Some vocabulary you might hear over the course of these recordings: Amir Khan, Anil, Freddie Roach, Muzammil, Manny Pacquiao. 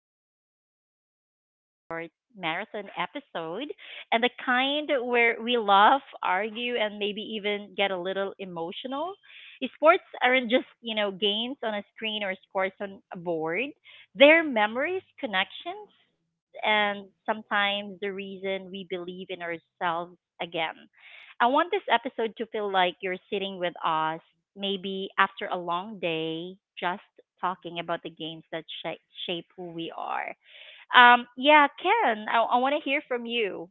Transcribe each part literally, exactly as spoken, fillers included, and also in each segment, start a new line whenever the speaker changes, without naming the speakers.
because we're doing a full sports marathon episode, and the kind where we laugh, argue, and maybe even get a little emotional. Sports aren't just, you know, games on a screen or scores on a board. They're memories, connections, and sometimes the reason we believe in ourselves again. I want this episode to feel like you're sitting with us, maybe after a long day, just talking about the games that shape, shape who we are. Um, yeah, Ken, I, I want to hear from you.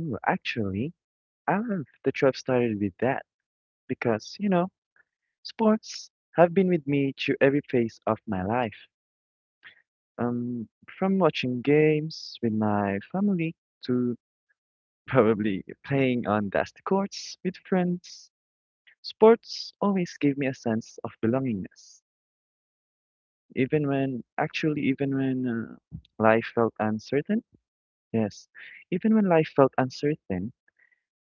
Ooh, actually, I love that you have started with that because, you know, sports have been with me through every phase of my life. Um, from watching games with my family to probably playing on dusty courts with friends, sports always gave me a sense of belongingness. Even when, actually, even when uh, life felt uncertain, yes, even when life felt uncertain,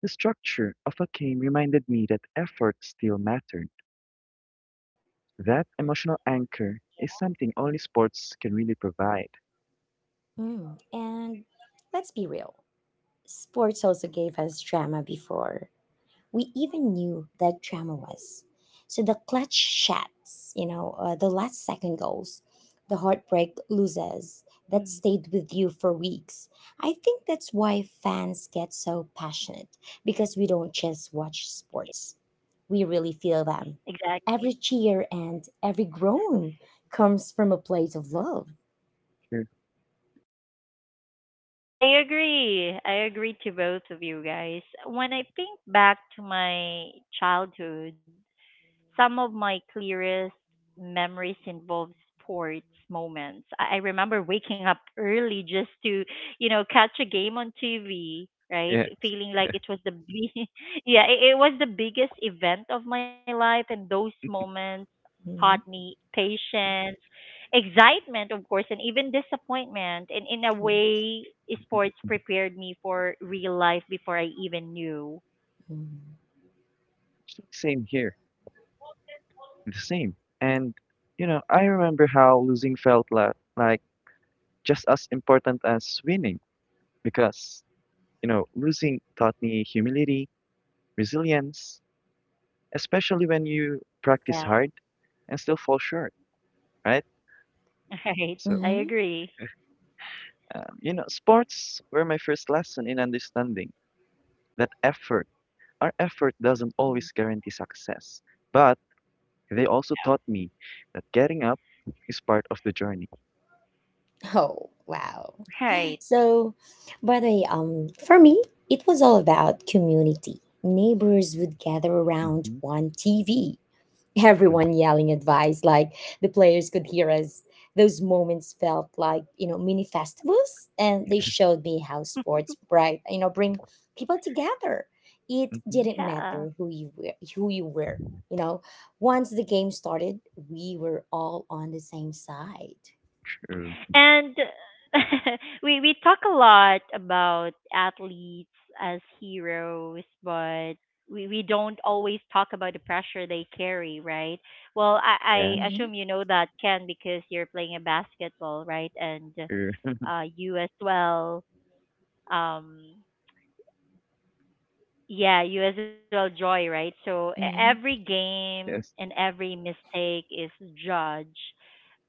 the structure of a game reminded me that effort still mattered. That emotional anchor is something only sports can really provide.
Mm. And let's be real, sports also gave us drama before we even knew that drama was. So the clutch shots, you know, uh, the last second goals, the heartbreak loses that
Hmm.
stayed with you for weeks. I think that's why fans get so passionate because we don't just watch sports, we really feel them.
Exactly.
Every cheer and every groan comes from a place of love.
Sure.
I agree. I agree to both of you guys. When I think back to my childhood, some of my clearest memories involve sports moments. I, I remember waking up early just to, you know, catch a game on T V, right?
Yes.
F- Feeling
Yeah.
like it was the big, yeah, it, it was the biggest event of my life, and those moments taught
Mm-hmm.
me patience, excitement, of course, and even disappointment. And in a way, sports prepared me for real life before I even knew.
So same here. The same. And you know, I remember how losing felt la- like just as important as winning because you know, losing taught me humility, resilience, especially when you practice
Yeah,
hard and still fall short, right?
right.
So,
I
Mm-hmm.
agree.
um, you know, sports were my first lesson in understanding that effort, our effort doesn't
Mhm.
always guarantee success, but they also taught me that getting up is part of the journey.
Oh, wow.
Right.
So, by the way, um, for me, it was all about community. Neighbors would gather around
Mm-hmm.
one T V, everyone yelling advice like the players could hear us. Those moments felt like you know mini festivals, and they showed me how sports bright you know bring people together. It
Mm-hmm.
didn't
Yeah.
matter who you were, who you were. You know, once the game started, we were all on the same side.
True.
And we we talk a lot about athletes as heroes, but we, we don't always talk about the pressure they carry, right? Well,
Yeah,
I, I
Mm-hmm,
assume you know that, Ken, because you're playing a basketball, right? And
true.
uh you as well. Um Yeah, you as well, Joy, right? So e- every
mm-hmm.
game
Yes.
and every mistake is judged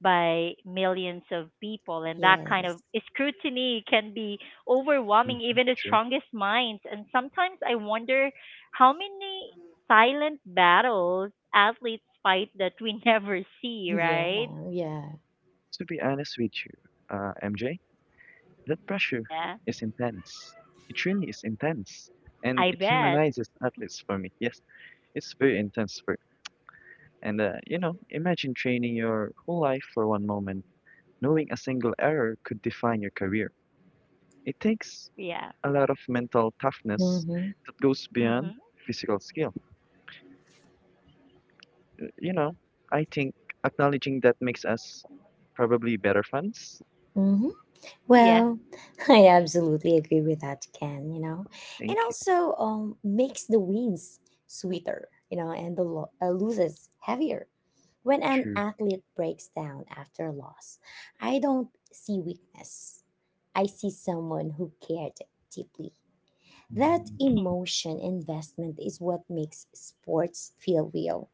by millions of people, and that kind of
Yes.
scrutiny can be overwhelming,
Mm-hmm.
even the
True.
strongest minds. And sometimes I wonder how many silent battles athletes fight that we never see,
Yeah,
right?
yeah.
To be honest with you, uh, M J, that pressure
Yeah,
is intense. It really is intense. And
I
it
bet.
humanizes athletes for me. Yes, it's very intense for. And, uh, you know, imagine training your whole life for one moment, knowing a single error could define your career. It takes
Yeah.
a lot of mental toughness
Mm-hmm.
that goes beyond
Mhm.
physical skill. You know, I think acknowledging that makes us probably better fans.
Mm-hmm. Well,
Yeah.
I absolutely agree with that, Ken, you know. And
Thank you.
also um makes the wins sweeter, you know, and the lo- uh, loses heavier. When an
True.
athlete breaks down after a loss, I don't see weakness. I see someone who cared deeply. That
Mhm,
emotion investment is what makes sports feel real.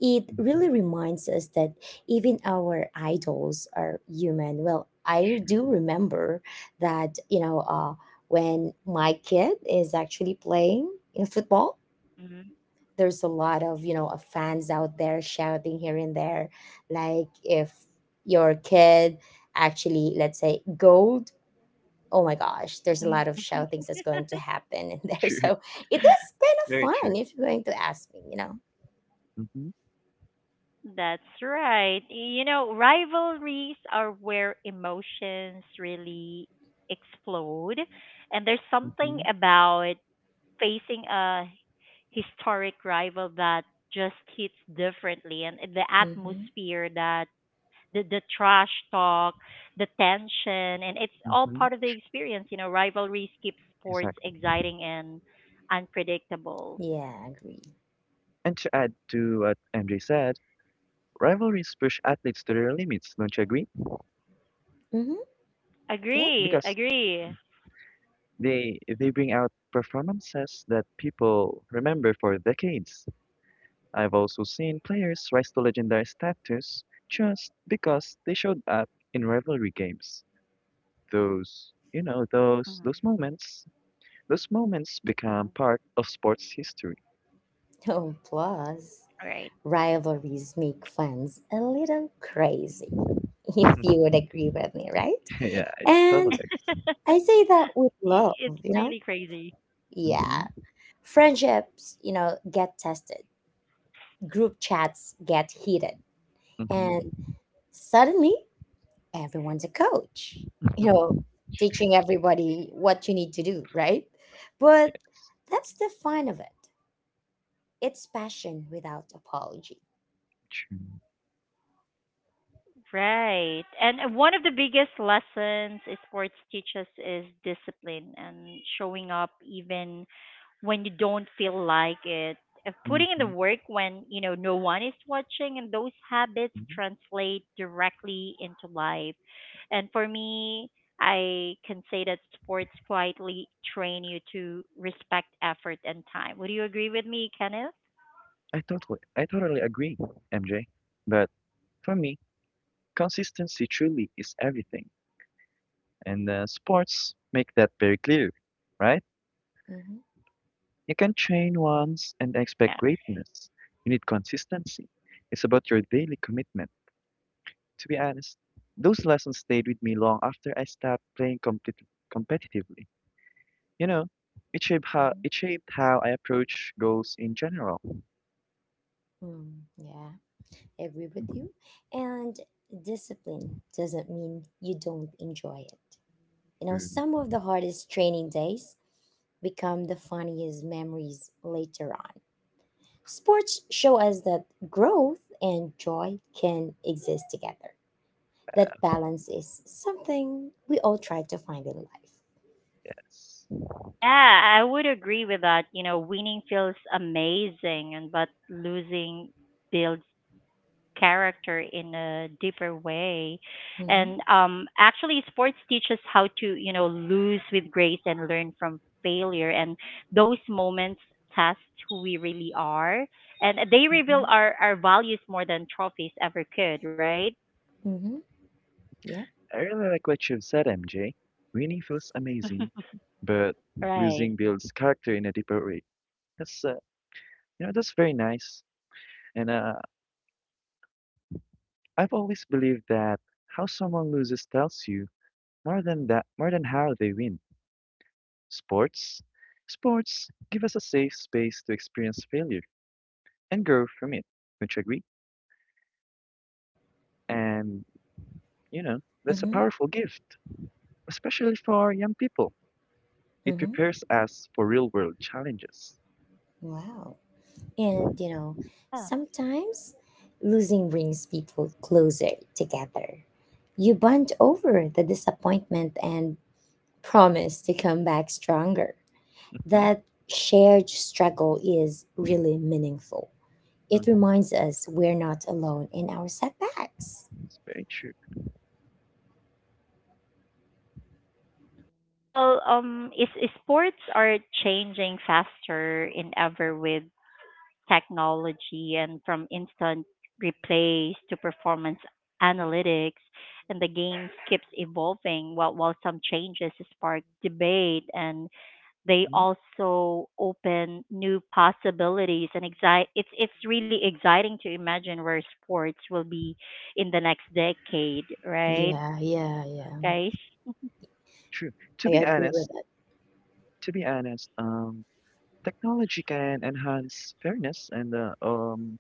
It
mhm,
really reminds us that even our idols are human. Well, I do
true.
remember that, you know, uh, when my kid is actually playing in football, there's a lot of, you know, uh, fans out there shouting here and there. Like if your kid actually, let's say, gold, oh my gosh, there's a lot of
mhm.
shoutings that's going to happen in there.
True.
So it is
It's very
kind of fun
true.
if you're going to ask me, you know.
Mm-hmm.
That's right. You know, rivalries are where emotions really explode. And there's something
Mm-hmm.
about facing a historic rival that just hits differently. And the
Hmm.
atmosphere, that the, the trash talk, the tension, and it's all
Mm-hmm.
part of the experience. You know, rivalries keep sports
Exactly.
exciting and unpredictable.
Yeah, I agree.
And to add to what M J said, rivalries push athletes to their limits, don't you agree?
Mhm. Yeah.
Agree,
Because
agree.
they they bring out performances that people remember for decades. I've also seen players rise to legendary status just because they showed up in rivalry games. those, you know, those those
Mhm,
moments, those moments become
mhm.
part of sports history.
Oh, plus,
Right.
rivalries make fans a little crazy, if you would agree with me, right?
Yeah, I
And
totally
I say that with love,
It's
you know?
really crazy.
Yeah.
agree.
Mhm.
Mm-hmm,
Friendships, you know, get tested, group chats get heated, and
mm-hmm.
suddenly everyone's a coach, you know, teaching everybody what you need to do, right? But
Yes,
that's the fun of it. It's passion without apology.
true.
Right. And one of the biggest lessons sports teaches is discipline and showing up even when you don't feel like it. Uh, Putting in the
Mm-hmm,
work when, you know, no one is watching, and those habits
hmm.
translate directly into life. And for me, I can say that sports quietly train you to respect effort and time. Would you agree with me, Kenneth?
I totally, I totally agree, M J. But for me, consistency truly is everything, and uh, sports make that very clear, right?
Mm-hmm,
You can train once and
Yeah.
expect greatness. You need consistency. It's about your daily commitment. To be honest, those lessons stayed with me long after I stopped playing competi- competitively. You know, it shaped how
mm-hmm.
it shaped how I approach goals in general.
Mm, yeah, I agree with
Mhm.
you. And discipline doesn't mean you don't enjoy it. You know,
True.
some of the hardest training days become the funniest memories later on. Sports show us that growth and joy can exist together. That balance is something we all try to find in life.
Yes.
Yeah, I would agree with that. You know, winning feels amazing, and but losing builds character in a deeper way.
Mm-hmm.
And um, actually, sports teaches how to you know lose with grace and learn from failure. And those moments test who we really are, and they reveal our our values more than trophies ever could. Right?
Mm-hmm. Mm-hmm. Yeah.
I really like what you've said, M J. Winning feels amazing, but
Right.
losing builds character in a deeper way. That's uh, you know that's very nice. And uh, I've always believed that how someone loses tells you more than that more than how they win. Sports? Sports give us a safe space to experience failure and grow from it. Don't you agree? And, you know, that's a
Mm-hmm.
powerful gift, especially for young people. It
Mm-hmm.
prepares us for real world challenges.
Wow. And you know,
Yeah.
sometimes losing brings people closer together. You bond over the disappointment and promise to come back stronger.
Hmm.
That shared struggle is really meaningful. It reminds us we're not alone in our setbacks.
It's very true.
Well, um, is is sports are changing faster in ever with technology, and from instant replays to performance analytics, and the game keeps evolving. While while some changes spark debate, and they
Mhm,
also open new possibilities. And exci- it's it's really exciting to imagine where sports will be in the next decade, right,
Yeah, yeah, yeah.
guys?
true. To
I
be
agree
honest,
with
to be honest, um, technology can enhance fairness and uh, um,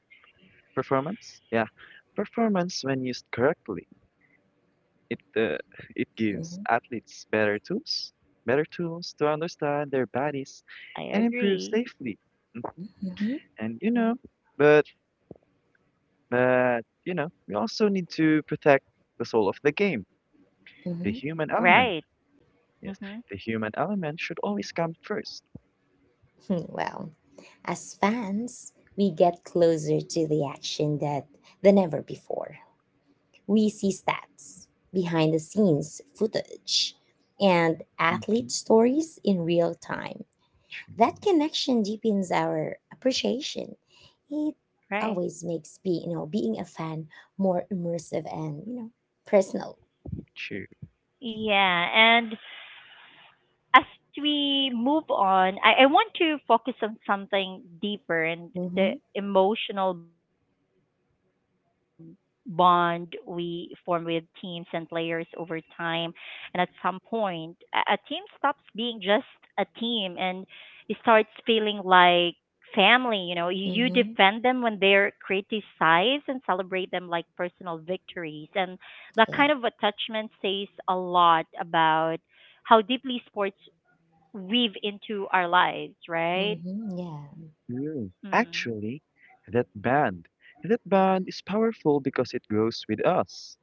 performance. Yeah, performance when used correctly. It uh, it
it.
gives athletes better tools, better tools to understand their bodies
I
and improve
agree.
safely. Mhm.
Hmm. Hmm.
And you know,
Mhm.
but but you know, we also need to protect the soul of the game, the
Hmm.
human element.
Right.
Yes,
Mm-hmm.
the human element should always come first.
Well, as fans, we get closer to the action that than ever before. We see stats, behind the scenes footage, and athlete
Mm-hmm.
stories in real time.
True,
That connection deepens our appreciation. It
Right.
always makes be, you know being a fan more immersive and you know personal.
true.
Yeah. And as we move on, I, I want to focus on something deeper, and the
Mm-hmm.
emotional bond we form with teams and players over time. And at some point, a, a team stops being just a team and it starts feeling like family. You know, you, you defend
Mm-hmm.
them when they're criticized and celebrate them like personal victories. And that
Yeah.
kind of attachment says a lot about how deeply sports weave into our lives, right?
Mm-hmm. Yeah.
Mm,
Mm,
actually, that band, that band is powerful because it grows with us.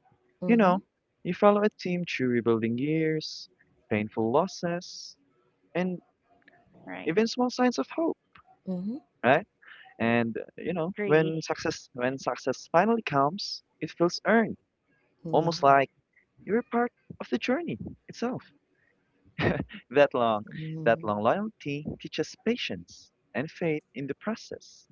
You
Mm-hmm.
know, you follow a team through rebuilding years, painful losses, and
right.
even small signs of hope,
Mm-hmm.
right? And uh, you know,
Agree.
when success when success finally comes, it feels earned,
Yeah.
almost like you're part of the journey itself. That long, that
Mhm.
long loyalty teaches patience and faith in the process.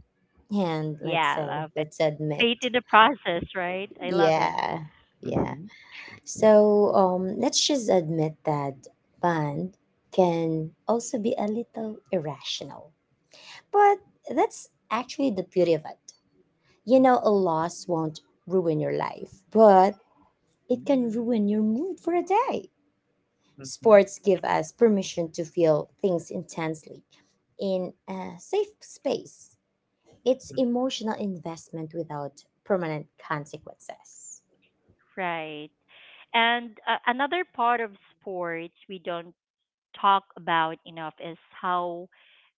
And let's
Yeah, I
say,
love it.
let's admit.
Faith in the process, right? I love it.
Yeah. Yeah.
Mm-hmm. Sure.
So um let's just admit that bond can also be a little irrational. But that's actually the beauty of it. You know, a loss won't ruin your life, but it
Mm-hmm.
can
Mhm.
ruin your mood for a day.
Mm-hmm.
Sports give us permission to feel things intensely in a safe space. It's emotional investment without permanent consequences.
Right. And uh, another part of sports we don't talk about enough is how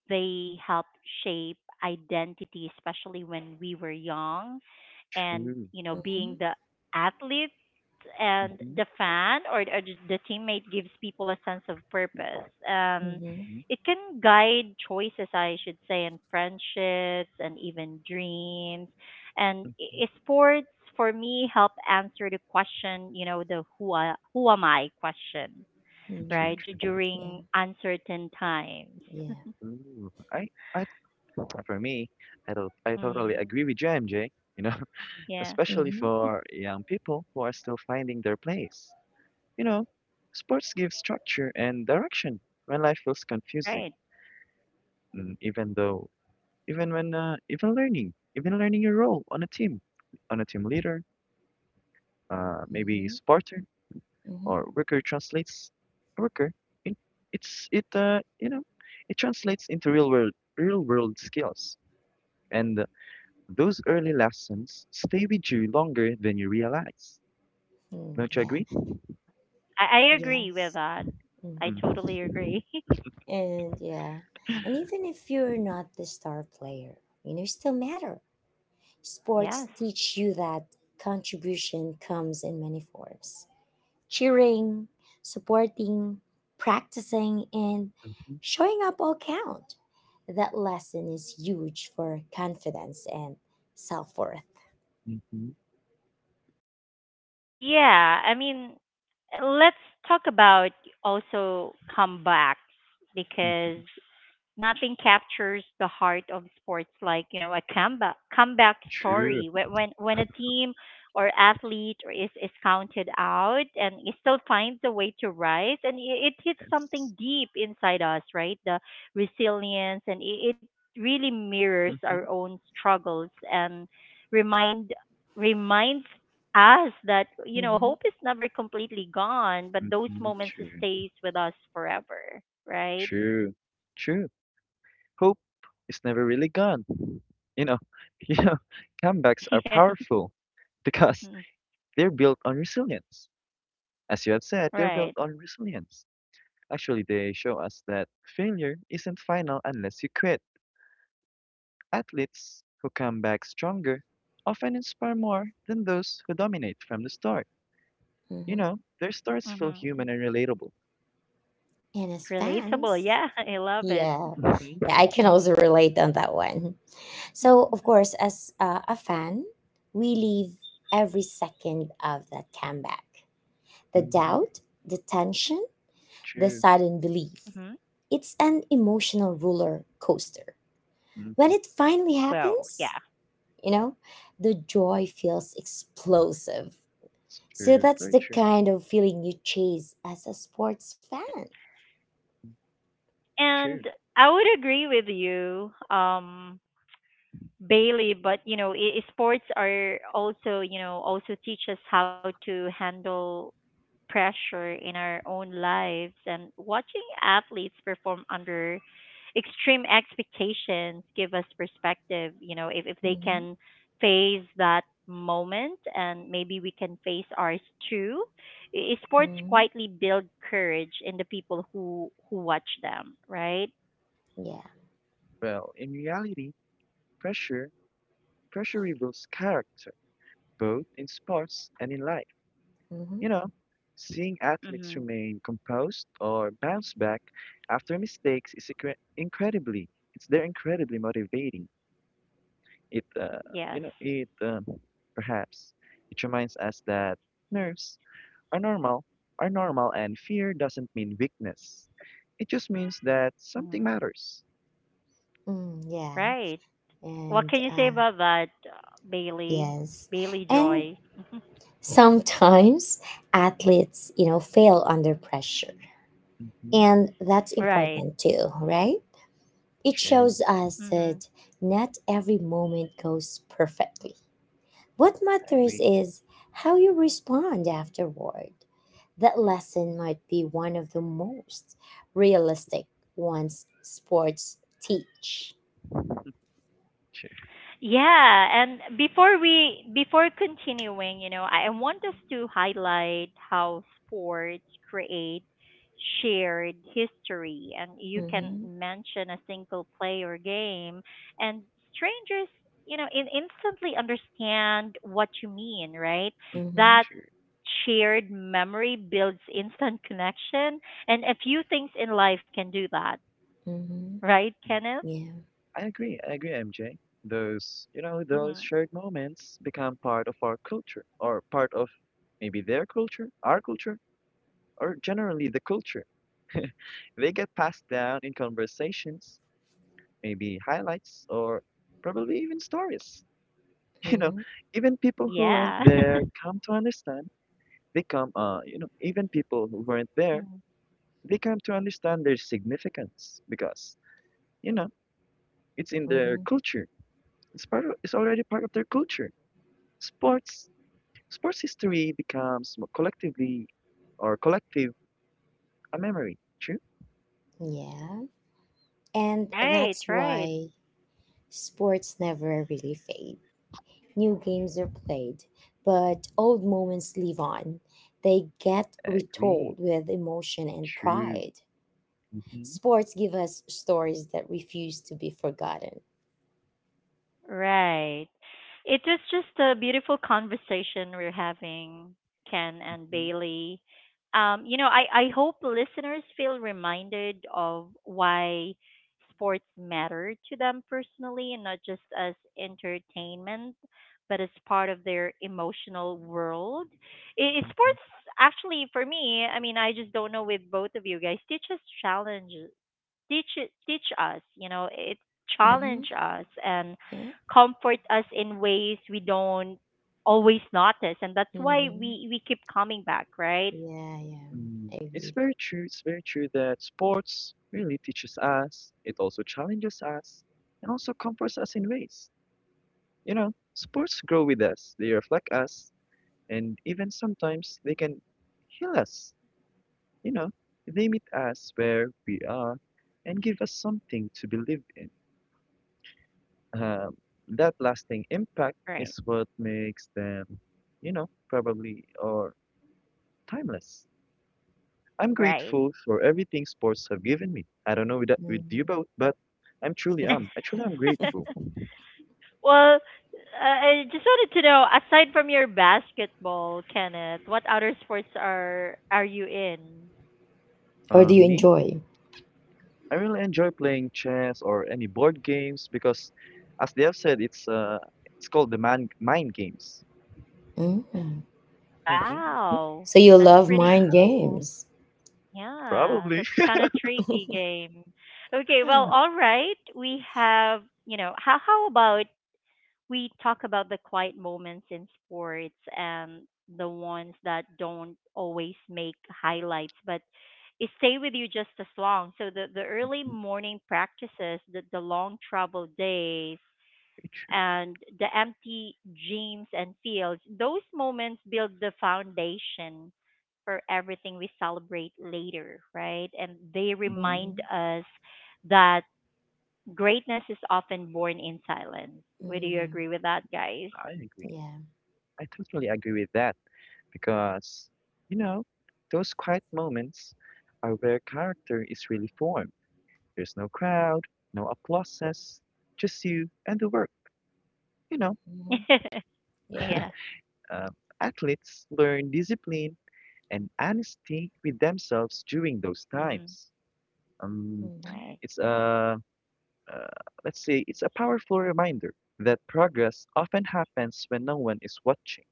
they help shape identity, especially when we were young. And,
True.
you know, being
Mhm,
the athlete and
Mhm,
the fan, or or the the teammate, gives people a sense of purpose. And
mhm,
mhm,
it can guide choices, I should say, in friendships and even dreams. And
mhm.
i- i- sports for me help answer the question, you know, the who, I, who am I question,
True,
mhm,
right? Du-
true.
yeah.
during uncertain times.
Yeah.
Ooh, I, I, for me, I don't, I totally
Mhm.
agree with you, M J. You know,
Yeah.
especially
Mhm,
for young people who are still finding their place. You know, sports give structure and direction when life feels confusing.
Right.
Mm, even though, even when, uh, even learning, Even learning your role on a team, on a team leader, uh, maybe
mhm,
supporter.
mhm,
or worker translates worker. It, it's it uh, You know it translates into real world real world skills, and those early lessons stay with you longer than you realize.
mm,
Don't you
yeah.
agree?
Yeah. I, I agree with
Yes.
that. I
Mhm.
Mm.
totally agree.
And yeah, and even if you're not the star player, you know, you still matter. Sports
Yes.
teach you that contribution comes in many forms: cheering, supporting, practicing, and
Mhm,
showing up all count. That lesson is huge for confidence and self worth.
mhm,
Yeah. I mean, let's talk about also comebacks, because
mhm.
nothing captures the heart of sports like you know a comeback comeback
True.
story when when, when a team or athlete or is is counted out and it still finds a way to rise, and it, it hits something
Yes.
deep inside us, right? The resilience, and it, it really mirrors our
Hmm.
own struggles and remind reminds us that you know
Mm-hmm,
hope is never completely gone, but those
Hmm.
moments
True.
stays with us forever, right?
True, true. Hope is never really gone. You know, you know, comebacks are powerful because
Hmm.
they're built on resilience. As you have said, they're built
Right.
on resilience. Actually, they show us that failure isn't final unless you quit. Athletes who come back stronger often inspire more than those who dominate from the start. You
mm-hmm.
know, their stories feel
Hmm.
human and relatable.
And as
Relatable.
fans,
Yeah, I love it.
yeah,
Hmm.
yeah, I can also relate on that one. So, of course, as uh, a fan, we live every second of that comeback. The
Hmm.
doubt, the tension, the
True.
sudden belief.
Hmm.
It's an emotional roller coaster. When
Hmm.
it finally
Well, yeah.
happens, you know, the joy feels explosive.
It's
So,
true.
that's
Very
the
true.
kind of feeling you chase as a sports fan.
True.
And I would agree with you, um, Bailey. But you know, i- sports are also you know also teach us how to handle pressure in our own lives, and watching athletes perform under extreme expectations give us perspective, you know, if, if they
Mhm,
can face that moment, and maybe we can face ours too. I- sports
mhm,
quietly build courage in the people who who watch them, right?
yeah.
Well, in reality, pressure pressure reveals character, both in sports and in life.
Mhm,
You know, seeing athletes
Mm-hmm.
remain composed or bounce back after mistakes is incre- incredibly it's they're incredibly motivating. It uh,
Yes.
You know it um, perhaps it reminds us that nerves are normal are normal and fear doesn't mean weakness. It just means that something
Hmm.
matters.
mm, yeah.
Right. What
And
can you say
uh,
about that uh, bailey
yes.
Bailey
And
Joy?
sometimes athletes, you know, fail under pressure.
Hmm.
And that's
Right.
important too, right? It
True,
shows us that not every moment goes perfectly. What
I
matters
agree.
is how you respond afterward. That lesson might be one of the most realistic ones sports teach.
True,
Yeah, and before we before continuing, you know, I I want us to highlight how sports create shared history, and you can
Mm-hmm.
mention a single play or game and strangers, you know, in, instantly understand what you mean, right?
Mhm,
Mm-hmm.
That
true.
shared memory builds instant connection, and a few things in life can do that,
Mm-hmm.
right, Kenneth?
Yeah.
I agree. I agree, M J. Those, you know,
Hmm.
those shared moments become part of our culture or part of maybe their culture, our culture, or generally the culture. They get passed down in conversations, maybe highlights, or probably even stories. You know,
Mm-hmm.
even people who weren't
Yeah.
there come to understand. They come, uh, you know, Even people who weren't there, they come to understand their significance because, you know, it's in their
Mm-hmm.
culture. It's part of, it's already part of their culture. sports Sports history becomes more collectively or collective a memory. True?
Yeah. And
Right,
that's
right,
why sports never really fade. New games are played, but old moments live on. They get
Agree.
retold with emotion and
True.
pride.
Hmm.
Sports give us stories that refuse to be forgotten.
right. It was just a beautiful conversation we're having, Ken and
Hmm.
Bailey. Um, you know, I, I hope listeners feel reminded of why sports matter to them personally, and not just as entertainment, but as part of their emotional world. I
Hmm.
sports, actually, for me, I mean, I just don't know with both of you guys, teaches challenges teach it- teach us you know it
Mm-hmm.
challenge us and
Yeah.
comfort us in ways we don't always notice, and that's why
Mm-hmm.
we we keep coming back right
Yeah, yeah.
Mm,
I
it's
agree.
very true. It's very true that sports really teaches us. It also challenges us and also comforts us in ways. You know, sports grow with us. They reflect us and even sometimes they can heal us. You know, they meet us where we are and give us something to believe in. Um, that lasting impact is
right
what makes them, you know, probably or timeless. I'm
right.
grateful for everything sports have given me. I don't know with that, with you
Mm-hmm.
both, but I'm truly am. I truly am grateful.
Well uh, I just wanted to know, aside from your basketball, Kenneth, what other sports are are you in?
Or do you
Um, me,
enjoy?
I really enjoy playing chess or any board games because, as they have said, it's uh, it's called the man mind games.
Mm-hmm.
Hmm
Wow,
So you
that's
love
pretty
mind
cool.
games.
Yeah,
probably.
that's kind of tricky game. Okay, well,
Hmm.
all right. We have, you know, how how about we talk about the quiet moments in sports, and the ones that don't always make highlights, but it stay with you just as long. So the the early morning practices, the the long travel days, and the empty dreams and fields, those moments build the foundation for everything we celebrate later, right? And they remind
Mm-hmm.
us that greatness is often born in silence. Would you
Mm-hmm.
agree with that, guys?
I agree.
Yeah.
I totally agree with that. Because, you know, those quiet moments are where character is really formed. There's no crowd, no applauses, just you and the work. You know,
Mm-hmm. Yeah.
Yeah.
uh, athletes learn discipline and honesty with themselves during those
Hmm.
times. Um,
Right.
it's a, uh, let's say, it's a powerful reminder that progress often happens when no one is watching.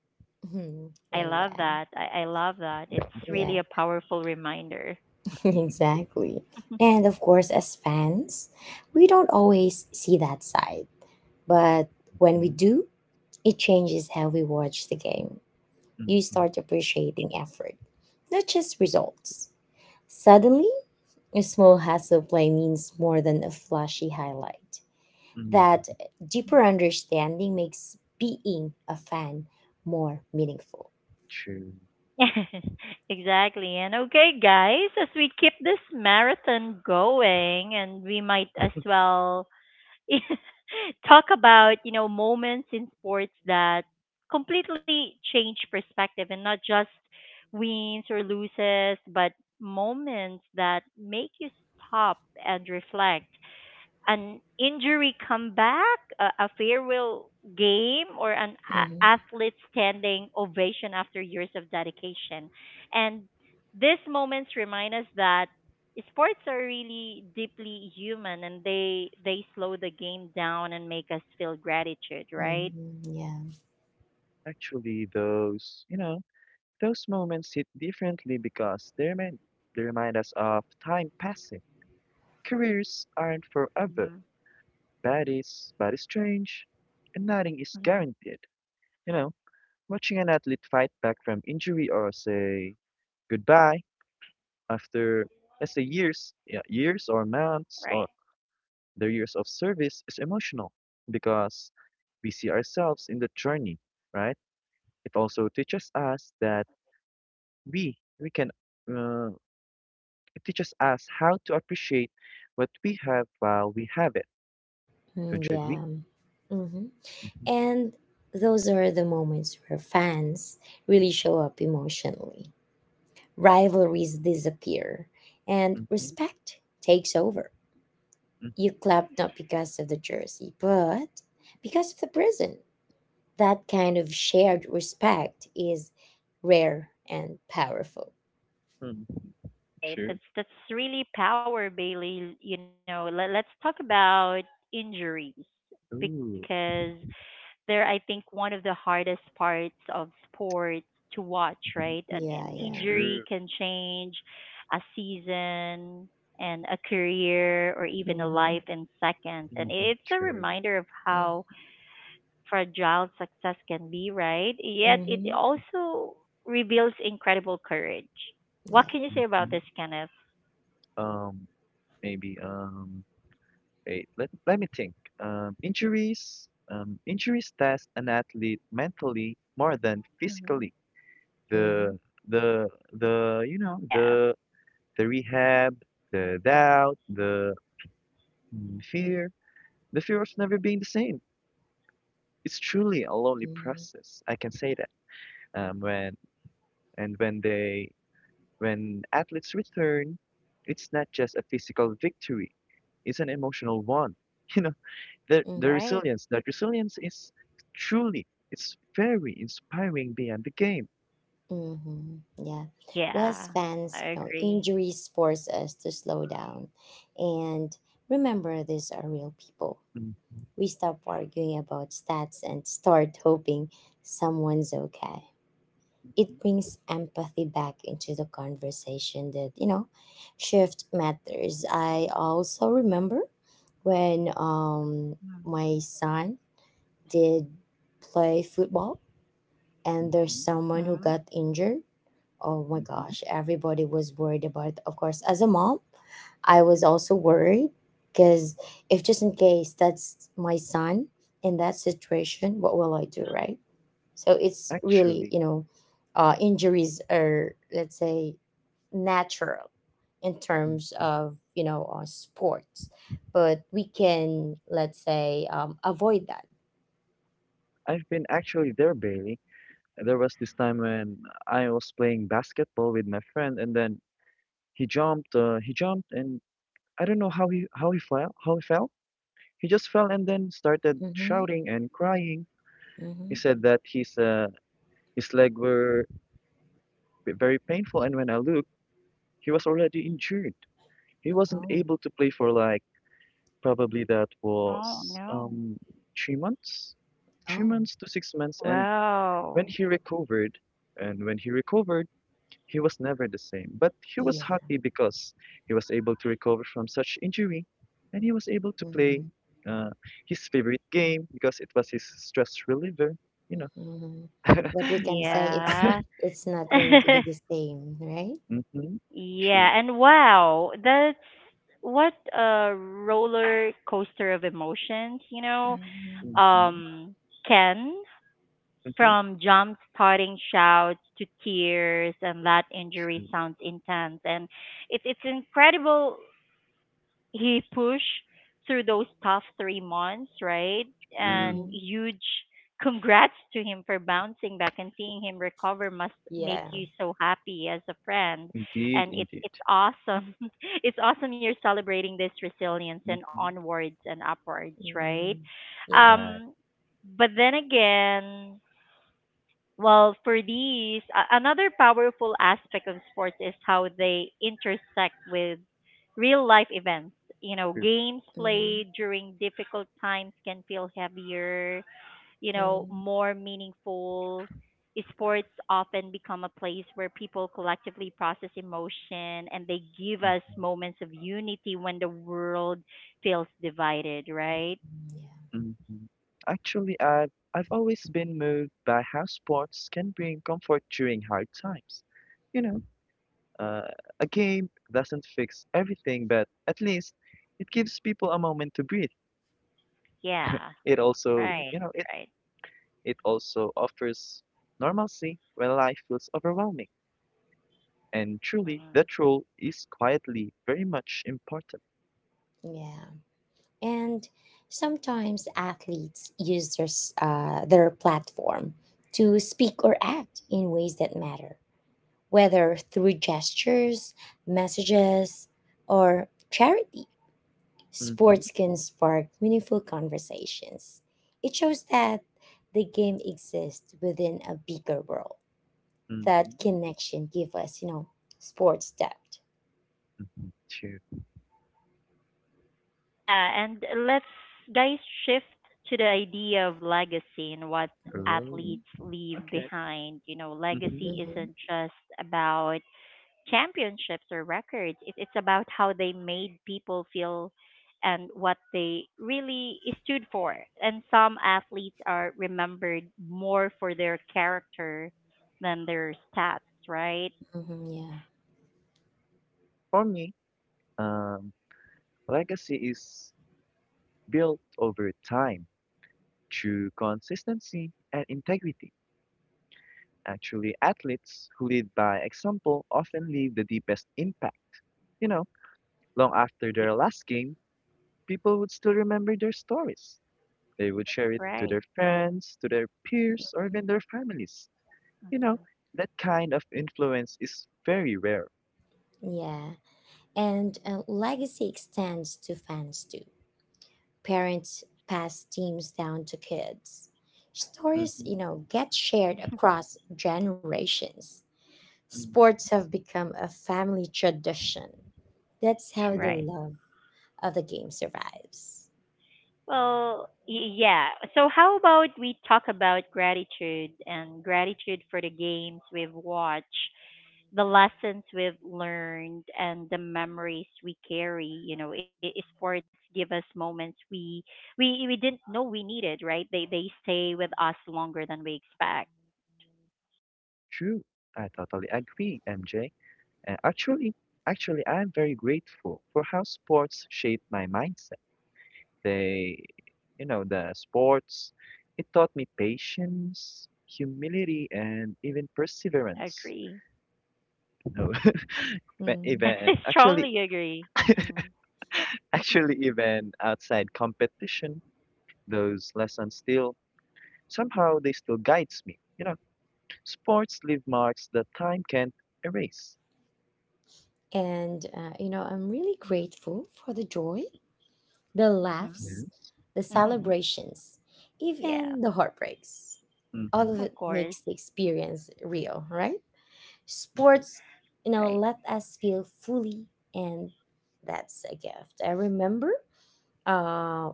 Mm-hmm.
I love
Yeah.
that. I, I love that. It's
Yeah.
really a powerful reminder.
Exactly. And of course, as fans, we don't always see that side. But when we
Mhm,
do, it changes how we watch the game. You
mhm,
start appreciating effort, not just results. Suddenly, a small hustle play means more than a flashy highlight. That
mhm.
deeper understanding makes being a fan more meaningful.
True.
Exactly. And okay, guys, as we keep this marathon going, and we might as well talk about, you know, moments in sports that completely change perspective, and not just wins or loses, but moments that make you stop and reflect: an injury comeback, a, a farewell game, or an a-
Hmm.
athlete standing ovation after years of dedication. And these moments remind us that sports are really deeply human, and they they slow the game down and make us feel gratitude,
Hmm.
right?
Yeah.
Actually, those, you know, those moments hit differently because they remind, they remind us of time passing. Careers aren't forever.
Hmm.
Bodies, bodies change, and nothing is
Hmm.
guaranteed. You know, watching an athlete fight back from injury or say goodbye after, let's say, years, yeah, years or months or
Right.
their years of service is emotional because we see ourselves in the journey, right? It also teaches us that we we can. Uh, It teaches us how to appreciate what we have while we have it.
Mm,
Don't you agree?
yeah. Hmm.
Mm-hmm.
And those are the moments where fans really show up emotionally. Rivalries disappear and
Mm-hmm.
respect takes over. You clap not because of the jersey, but because of the prison. That kind of shared respect is rare and powerful.
Mm-hmm. True.
Right. That's that's really power, Bailey. You know, let, let's talk about injuries
Ooh.
because they're I think one of the hardest parts of sports to watch,
Mhm,
right? An,
Yeah,
an
yeah.
injury
true.
can change a season and a career or even a
Mm-hmm.
life in seconds. And
Mm-hmm.
it's a
True.
reminder of
Mm-hmm.
how fragile success can be, right? Yet it
Mm-hmm.
also reveals incredible courage. What
Yeah.
can you say about
Mm-hmm.
this, Kenneth?
Um, maybe um wait, Let let me think. Um injuries. Um injuries test an athlete mentally more than
Hmm.
physically.
Mm-hmm.
The the the you know
Yeah,
the the rehab, the doubt, the mm, fear, the fear of never being the same. It's truly a lonely
Mm-hmm.
process. I can say that. Um, when and when they when athletes return, it's not just a physical victory; it's an emotional one. You know, the the
Mm-hmm.
right?
resilience. That resilience is truly it's very inspiring beyond the game.
Mm-hmm. Yeah. Well,
Yeah,
as fans,
I
you know,
agree.
injuries force us to slow down. And remember, these are real people.
Mhm,
We stop arguing about stats and start hoping someone's okay. It brings empathy back into the conversation that, you know, shift matters. I also remember when um my son did play football and there's
mhm,
someone who
Mm-hmm.
got injured, oh my
mhm.
gosh, everybody was worried about it. Of course, as a mom, I was also worried because if just in case that's my son in that situation, what will I do, right? So it's really,
Actually,
you know, uh, injuries are, let's say, natural in terms
mhm.
of you know uh, sports, but we can let's say um, avoid that.
I've been actually there, Bailey. There was this time when I was playing basketball with my friend, and then he jumped. Uh, he jumped and I don't know how he how he fell how he fell. He just fell and then started
Mm-hmm.
shouting and crying. He
Mm-hmm.
said that his uh, his leg were very painful, and when I looked, he was already injured. He wasn't
Oh.
able to play for like probably that
Oh,
was
no.
um three months, three
Oh.
months to six months. And when
Wow.
he recovered, and when he recovered he was never the same, but he was
Yeah.
happy because he was able to recover from such injury and he was able to play
Mm-hmm.
uh, his favorite game because it was his stress reliever, you know.
Mm-hmm. But we can say it's
Yeah.
it's not going to be the same, right?
Mm-hmm. True.
Yeah, and wow, that's what a roller coaster of emotions, you know.
Mhm,
Mm-hmm.
Um, Ken,
Mm-hmm.
from jump starting shouts to tears, and that injury
True.
sounds intense, and it, it's incredible he pushed through those tough three months, right?
True.
And
mhm.
huge congrats to him for bouncing back, and seeing him recover must make
Yeah.
you so happy as a friend.
Indeed,
And it's
indeed.
it's awesome. It's awesome you're celebrating this resilience, and
Mm-hmm.
onwards and upwards, right?
Mm, yeah.
Right.
Um but then again, well, for these, a- another powerful aspect of sports is how they intersect with real life events. You know,
True.
games
Mhm,
played during difficult times can feel heavier, you know,
mhm,
more meaningful. Sports often become a place where people collectively process emotion, and they give us
Mm-hmm.
moments of unity when the world feels divided, right?
mm,
Hmm. Actually, I've, I've always been moved by how sports can bring comfort during hard times. You know, Uh, a game doesn't fix everything, but at least it gives people a moment to breathe.
Yeah,
It also,
yeah. Mhm,
right,
you know, it
right.
it also offers normalcy when life feels overwhelming. And truly,
Mm-hmm.
that role is quietly very much important.
yeah. And sometimes athletes use their, s- uh, their platform to speak or act in ways that matter, whether through gestures, messages, or charity.
Mm-hmm,
Sports can spark meaningful conversations. It shows that the game exists within a bigger world.
mm-hmm,
That connection give us, you know, sports depth.
mm-hmm. True.
Yeah, and let's guys shift to the idea of legacy and what
Oh,
Mm-hmm.
athletes leave
okay.
behind. You know,
Mm-hmm.
legacy isn't just about championships or records. It, it's about how they made people feel and what they really stood for. And some athletes are remembered more for their character than their stats, right?
Mm-hmm. Yeah.
For me, um, legacy is built over time through consistency and integrity. Actually, athletes who lead by example often leave the deepest impact. You know, long after
Yeah,
their last game, people would still remember their stories. They would share it to
right,
their friends, to their peers, or even their families. You know, that kind of influence is very rare.
Yeah. And uh, legacy extends to fans too. Parents pass teams down to kids. Stories, you
Hmm.
know, get shared across generations.
Hmm.
Sports have become a family tradition. That's how the
True,
right.
love of the game survives.
Well, y- yeah. So how about we talk about gratitude and gratitude for the games we've watched, the lessons we've learned, and the memories we carry. You know, i- i- sports give us moments we we we didn't know we needed. Right? They they stay with us longer than we expect.
true. I totally agree, M J. And actually, actually, I'm very grateful for how sports shape my mindset. They you know, the sports. It taught me patience, humility, and even perseverance.
Agree.
No, but
Mhm.
I
even actually,
strongly agree. Mm.
actually, even outside competition, those lessons still somehow they still guides me. You know, sports leave marks that time can't erase.
And, uh, you know, I'm really grateful for the joy, the
hmm
laughs,
Yes.
the
Mm-hmm.
celebrations, even
yeah,
the heartbreaks. All
Mm-hmm.
of it
of
makes
course.
the experience real, right?
Mm-hmm.
Sports, you know,
Right.
let us feel fully, and that's a gift. I remember uh,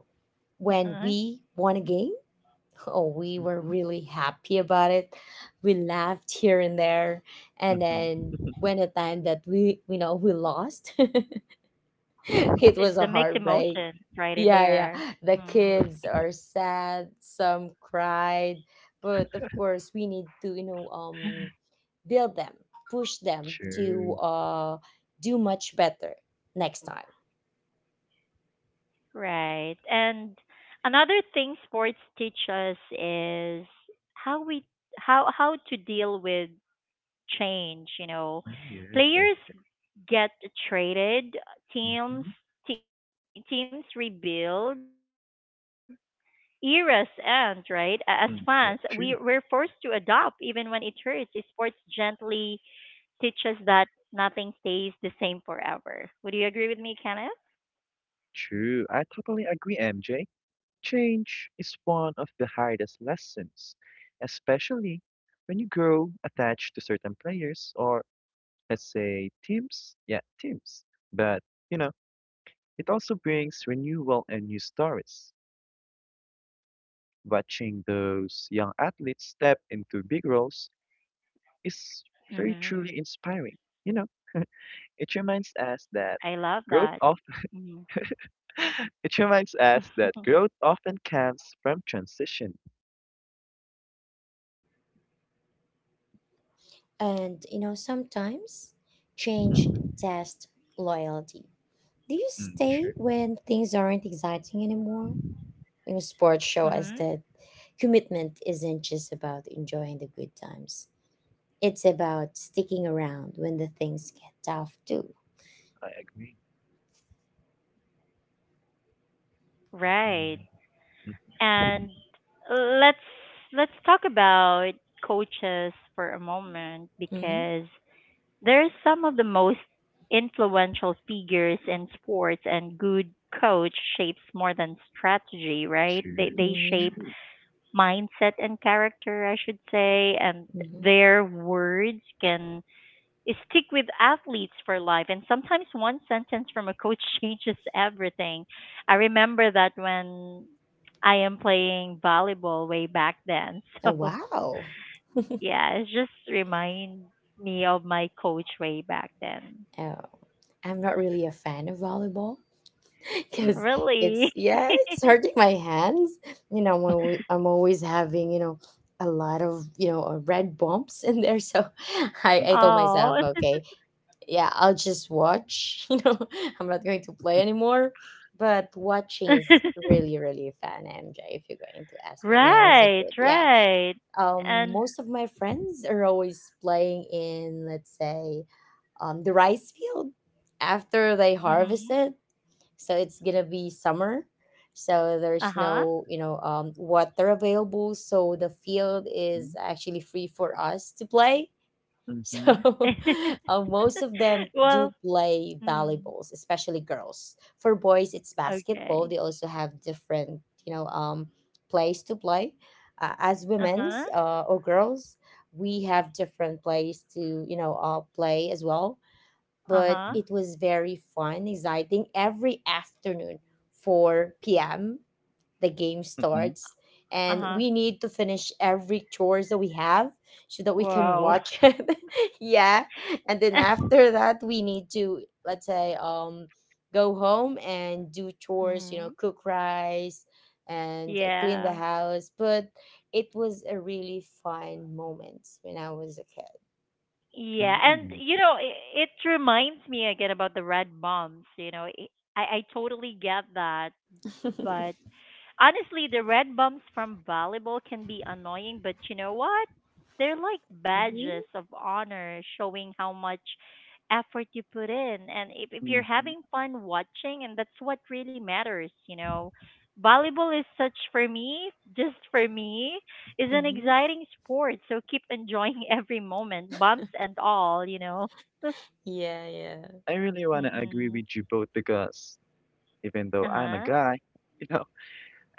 when
Uh-huh.
we won a game. Oh, we were
Mm-hmm.
really happy about it. We laughed here and there, and then
Mm-hmm.
when the time that we, you know, we lost,
it's it's the
it was
mixed
a
emotions
heartbreak.
right in
Yeah,
there.
yeah. The
Mm,
kids are sad, some cried, but of course we need to, you know, um build them, push them to
True.
uh do much better next time.
right. And another thing sports teach us is how we how how to deal with change, you know.
Mm, yeah. Yeah.
Players get traded,
Mm-hmm.
teams te- teams rebuild, eras end, right? A- As
Mm, yeah.
fans,
True.
we we're forced to adopt even when it hurts. Sports gently teaches that nothing stays the same forever. Would you agree with me, Kenneth?
True. I totally agree, M J. Change is one of the hardest lessons, especially when you grow attached to certain players or let's say teams. Yeah, teams. But you know, it also brings renewal and new stories. Watching those young athletes step into big roles is very truly
Hmm.
inspiring. You know, it reminds us that
I
growth
love
often
that. Mm-hmm.
it reminds us that growth often comes from transition.
And you know, sometimes change
Hmm.
test loyalty. Do you
Mm,
stay
sure,
when things aren't exciting anymore? You know, sports show us that
hmm.
commitment isn't just about enjoying the good times. It's about sticking around when the things get tough too.
I agree.
Right.
Mm. Mhm, mhm.
And let's let's talk about coaches for a moment
Mm-hmm.
because they're some of the most influential figures in sports, and good coach shapes more than strategy, right? They
True,
they
Mm-hmm.
shape
true.
mindset and character, I should say, and
Mm-hmm.
their words can stick with athletes for life. And sometimes one sentence from a coach changes everything. I remember that when I am playing volleyball way back then.
Oh,
So,
wow.
yeah, it just reminds me of my coach way back then.
Oh, I'm not really a fan of volleyball
Mm,
because
Really?
it's yeah, it's hurting my hands. You know, I'm always, I'm always having you know a lot of you know uh, red bumps in there. So I I
mhm,
told myself,
Oh.
okay, yeah, I'll just watch. You know, I'm not going to play anymore. But watching is really, really fun, M J, if you're going to ask me when I was a
right,
kid. Yeah.
right.
Um,
And,
most of my friends are always playing in, let's say, um, the rice field after they harvest
hmm,
it. So it's going to be summer. So there's
uh huh.
no, you know, um, water available. So the field
mm,
is actually free for us to play, so
mhm,
uh, most of them
well,
do play
mm,
volleyballs, especially girls. For boys, it's basketball.
okay.
They also have different, you know, um, plays to play. Uh, as
Uh huh.
women's uh, or girls, we have different plays to, you know, uh, play as well.
Uh
But
huh.
mm,
it was very fun, exciting every afternoon, four p m p.m the game
mhm,
starts
Uh
and
huh.
we need to finish every chores that we have so that we can
Wow.
watch it, yeah, and then after that we need to let's say um go home and do chores, you know,
hmm.
cook rice and clean the
Yeah.
house. But it was a really fun moment when I was a
Yeah. And, you know, it, it reminds me again about the red bombs. You know, it, I, I totally get that.
kid.
But honestly, the red bumps from volleyball can be annoying, but you know what? They're like badges
Hmm.
of honor showing how much effort you put in. And if, if you're
mm, mhm.
having fun watching, and that's what really matters, you know. Volleyball is such for me, just for me, is an
Hmm.
exciting sport. So keep enjoying every moment, bumps and all, you know.
Yeah, yeah.
I really want to agree
Mm-mm.
with you both because even though I'm a
Uh-huh.
guy, you know,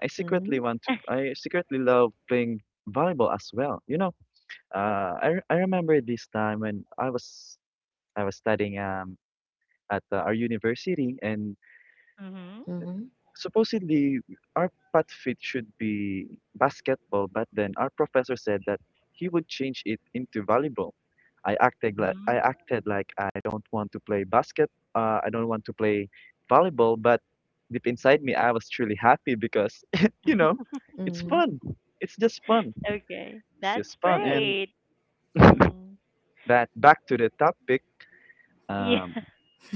I secretly
Hmm.
want to, I secretly love playing volleyball as well. You know, uh, I, re- I remember this time when I was I was studying um at uh, our university and
mhm.
supposedly our path fit should be basketball, but then our professor said that he would change it into volleyball. I acted like I
Mhm.
acted like I don't want to play basket. Uh, I don't want to play volleyball, but deep inside me, I was truly happy because you know, it's
Hmm.
fun. It's just fun.
Okay.
It's
That's
just fun. And
great. Mm.
but back to the topic.
Yeah.
Um,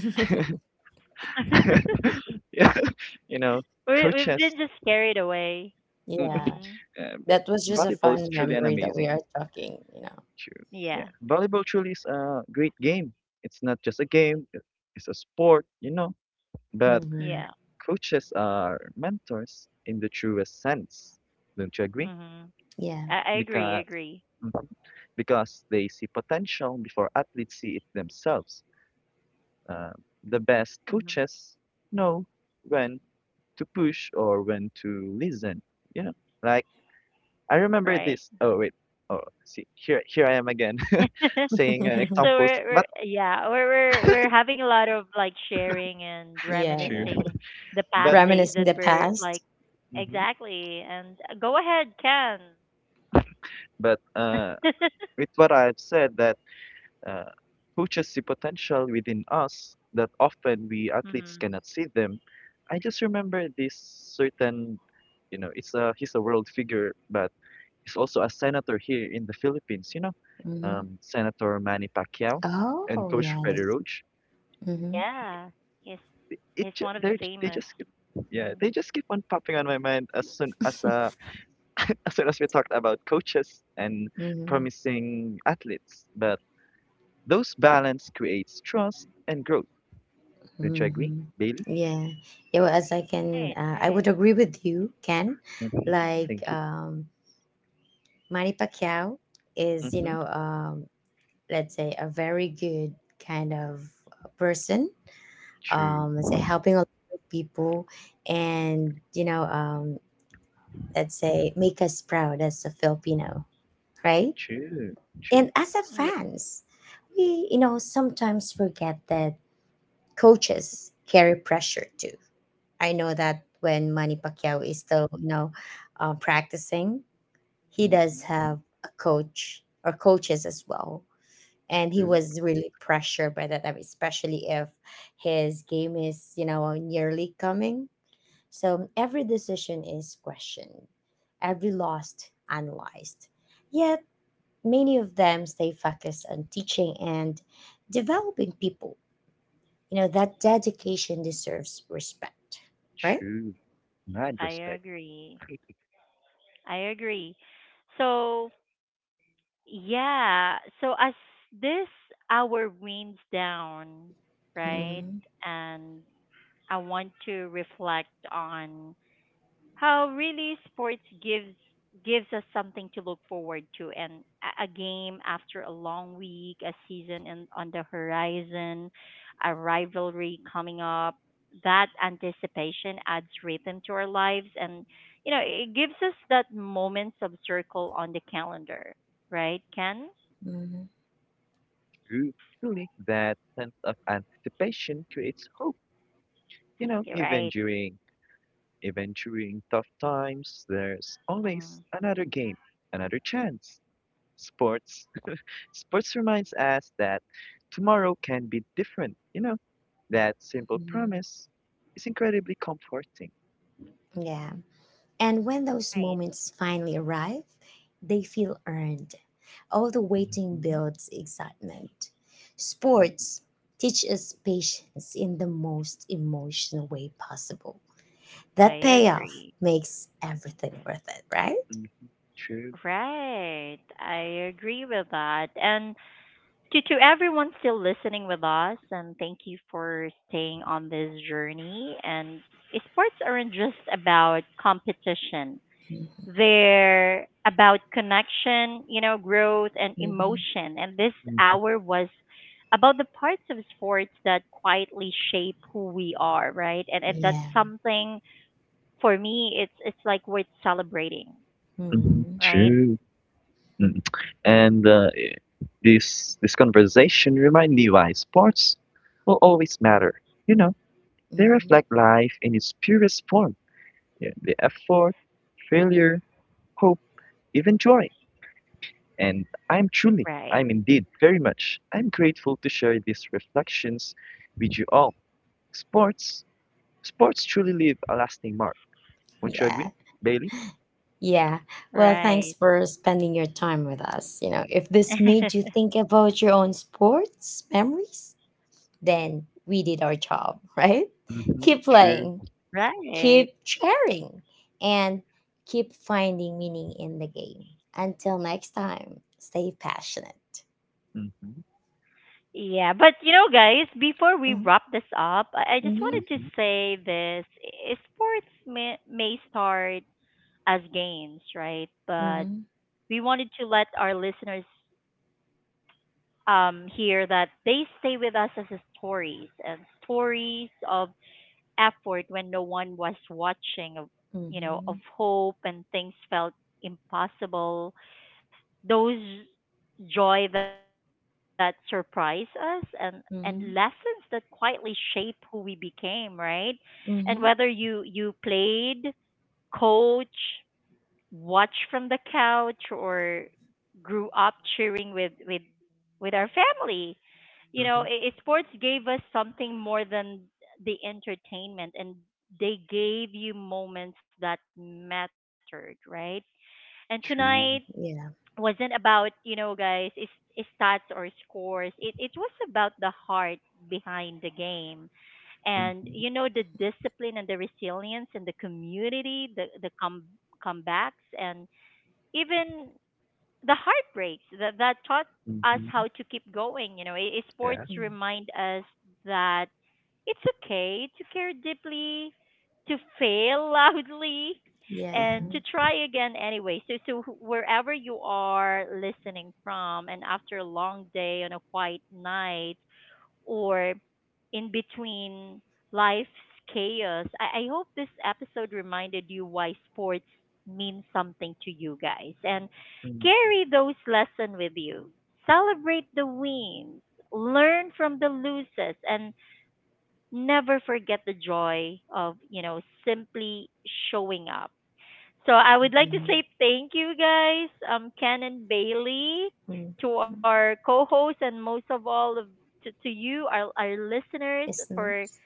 Hmm.
we
yeah, you know,
we've
coaches.
been just carried away.
Yeah,
Mm.
Um,
that was just a
volleyball is
fun
truly an
memory that we
amazing.
are talking, you know.
True. Yeah.
Yeah.
Volleyball truly is a great game. It's not just a game, it- it's a sport, you know. But
Mm-hmm.
Yeah.
coaches are mentors in the truest sense. Don't you agree?
Mhm.
Yeah.
I, I agree, I
Because,
agree.
Mhm, because they see potential before athletes see it themselves. Uh, the best
Mhm.
coaches know when to push or when to listen, you know. Like I remember
Right.
this. Oh wait. Oh, see, here here I am again saying uh,
so
examples,
we're we're
but
yeah, we're we're we're having a lot of like sharing and
Yeah.
true.
reminiscing the
But
past days
Reminiscing
that
the
were
past.
like
mhm,
exactly and uh, go ahead, Ken.
but uh, with what I've said that uh, coaches see potential within us that often we
mhm.
athletes cannot see them. I just remember this certain, you know, it's a he's a world figure, but he's also a senator here in the Philippines. You know,
Hmm.
um, Senator Manny Pacquiao and
Oh
Coach
yeah,
Freddie
that's
Roach.
hmm
Yeah. He's he's
It ju-
one of the
they they
famous.
just keep, yeah,
Mm.
they just keep on popping on my mind as soon as uh, as soon as we talked about coaches and
hmm
promising athletes, but those balance creates trust and growth. Don't you agree,
mm-hmm.
Bailey?
Yeah. Yeah, well, as I
Right,
can, uh, I
right.
would agree with you, Ken.
Hmm.
Mhm.
Like,
Thank you.
um, Manny Pacquiao is, you
Hmm.
know, um, let's say a very good kind of person.
True,
Um, let's say helping a lot of people and, you know, um, let's say make us proud as a Filipino, right?
true, true,
And as a
Yeah,
fans, we you know sometimes forget that coaches carry pressure too. I know that when Manny Pacquiao is still you know uh, practicing, he
hmm,
does have a coach or coaches as well. And he
true,
was really pressured by that, I mean, especially if his game is, you know, nearly coming, so every decision is questioned, every loss analyzed. Yet many of them stay focused on teaching and developing people. You know, that dedication deserves respect, right?
true. Mad
I
respect.
agree. I agree. So, yeah. So as this hour winds down, right?
Hmm.
And I want to reflect on how really sports gives gives us something to look forward to and a a game after a long week, a season in, on the horizon, a rivalry coming up. That anticipation adds rhythm to our lives and you know, it gives us that moments of circle on the calendar, right, Ken?
Hmm.
True, truly. That sense of anticipation creates hope. You know,
You're
even
right.
during even during tough times, there's
Mm,
always another game, another chance. Sports Sports reminds us that tomorrow can be different, you know? That simple
Hmm.
promise is incredibly comforting.
Yeah. And when those
right.
moments finally arrive, they feel earned. All the waiting
Mhm,
builds excitement.
mm,
Sports teach us patience in the most emotional way possible.
I
That payoff
agree.
makes everything worth it, right?
mm, true.
Right. I agree with that. And to to everyone still listening with us, and thank you for staying on this journey. And sports aren't just about competition; they're about connection, you know, growth and
Mm-hmm.
emotion. And this
Mm,
hour was about the parts of sports that quietly shape who we are, right? And and that's
Yeah.
something for me. It's it's like worth celebrating,
mhm,
Mhm.
right?
true. Mm. And uh, i- this this conversation remind me why sports will always matter. You know, they
Mhm.
reflect life in its purest form. Yeah, the effort, failure, hope, even joy. And I'm truly, I'm
Right.
indeed very much, I'm grateful to share these reflections with you all. Sports, sports truly leave a lasting mark. Won't you agree,
Yeah.
Bailey?
Yeah. Well, thanks for
Right.
spending your time with us. You know, if this made you think about your own sports memories, then we did our job, right?
Mm-hmm.
Keep
True.
playing, keep
right.
sharing, and keep finding meaning in the game. Until next time, stay passionate.
Mm-hmm.
Yeah, but you know, guys, before we wrap this
Hmm.
up, I, I just wanted to
Hmm.
Mm-hmm.
say this: i- sports may, may start as games, right? But
Hmm.
we wanted to let our listeners um, hear that they stay with us as a stories and stories of effort when no one was watching, of
Hmm.
you know, of hope and things felt impossible, those joy that surprise us and and lessons
Hmm.
that quietly shape who we became, right? And whether
Mhm.
you you played, coach, watch from the couch, or grew up cheering with with with our family, you know,
Mm-hmm.
i i- sports gave us something more than the entertainment, and they gave you moments that mattered, right? And tonight
True.
Yeah.
wasn't about you know guys is is stats or scores, it it was about the heart behind the game, and
Mm-hmm.
you know, the discipline and the resilience and the community, the the com- comebacks and even the heartbreaks that that taught us
Mm-hmm.
how to keep going. You know, i i- sports
Yeah.
Mm.
remind us that it's okay to care deeply, to fail loudly,
Yeah.
Mm-hmm.
and to try again anyway. So, so wh- wherever you are listening from, and after a long day on a quiet night, or in between life's chaos, I, I hope this episode reminded you why sports mean something to you guys. And
Mm-hmm.
carry those lessons with you. Celebrate the wins, learn from the losses, and never forget the joy of, you know, simply showing up. So I would like to
Mhm.
say thank you guys, um, Ken and Bailey,
Mhm.
to our co-hosts and most of all of to, to you, our, our listeners, for
Listeners.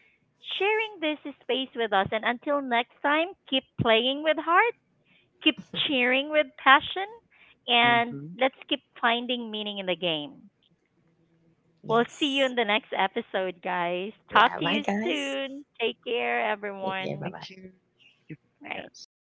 sharing this space with us. And until next time, keep playing with heart, keep cheering with passion, and
Mm-hmm.
let's keep finding meaning in the game. We'll see you
Yes.
in the next episode, guys. Talk
Yeah.
to
Bye,
you
guys.
soon. Take care,
Take
Thank
care. Bye
everyone.
you.
bye.
Thank you for having
Right.
us.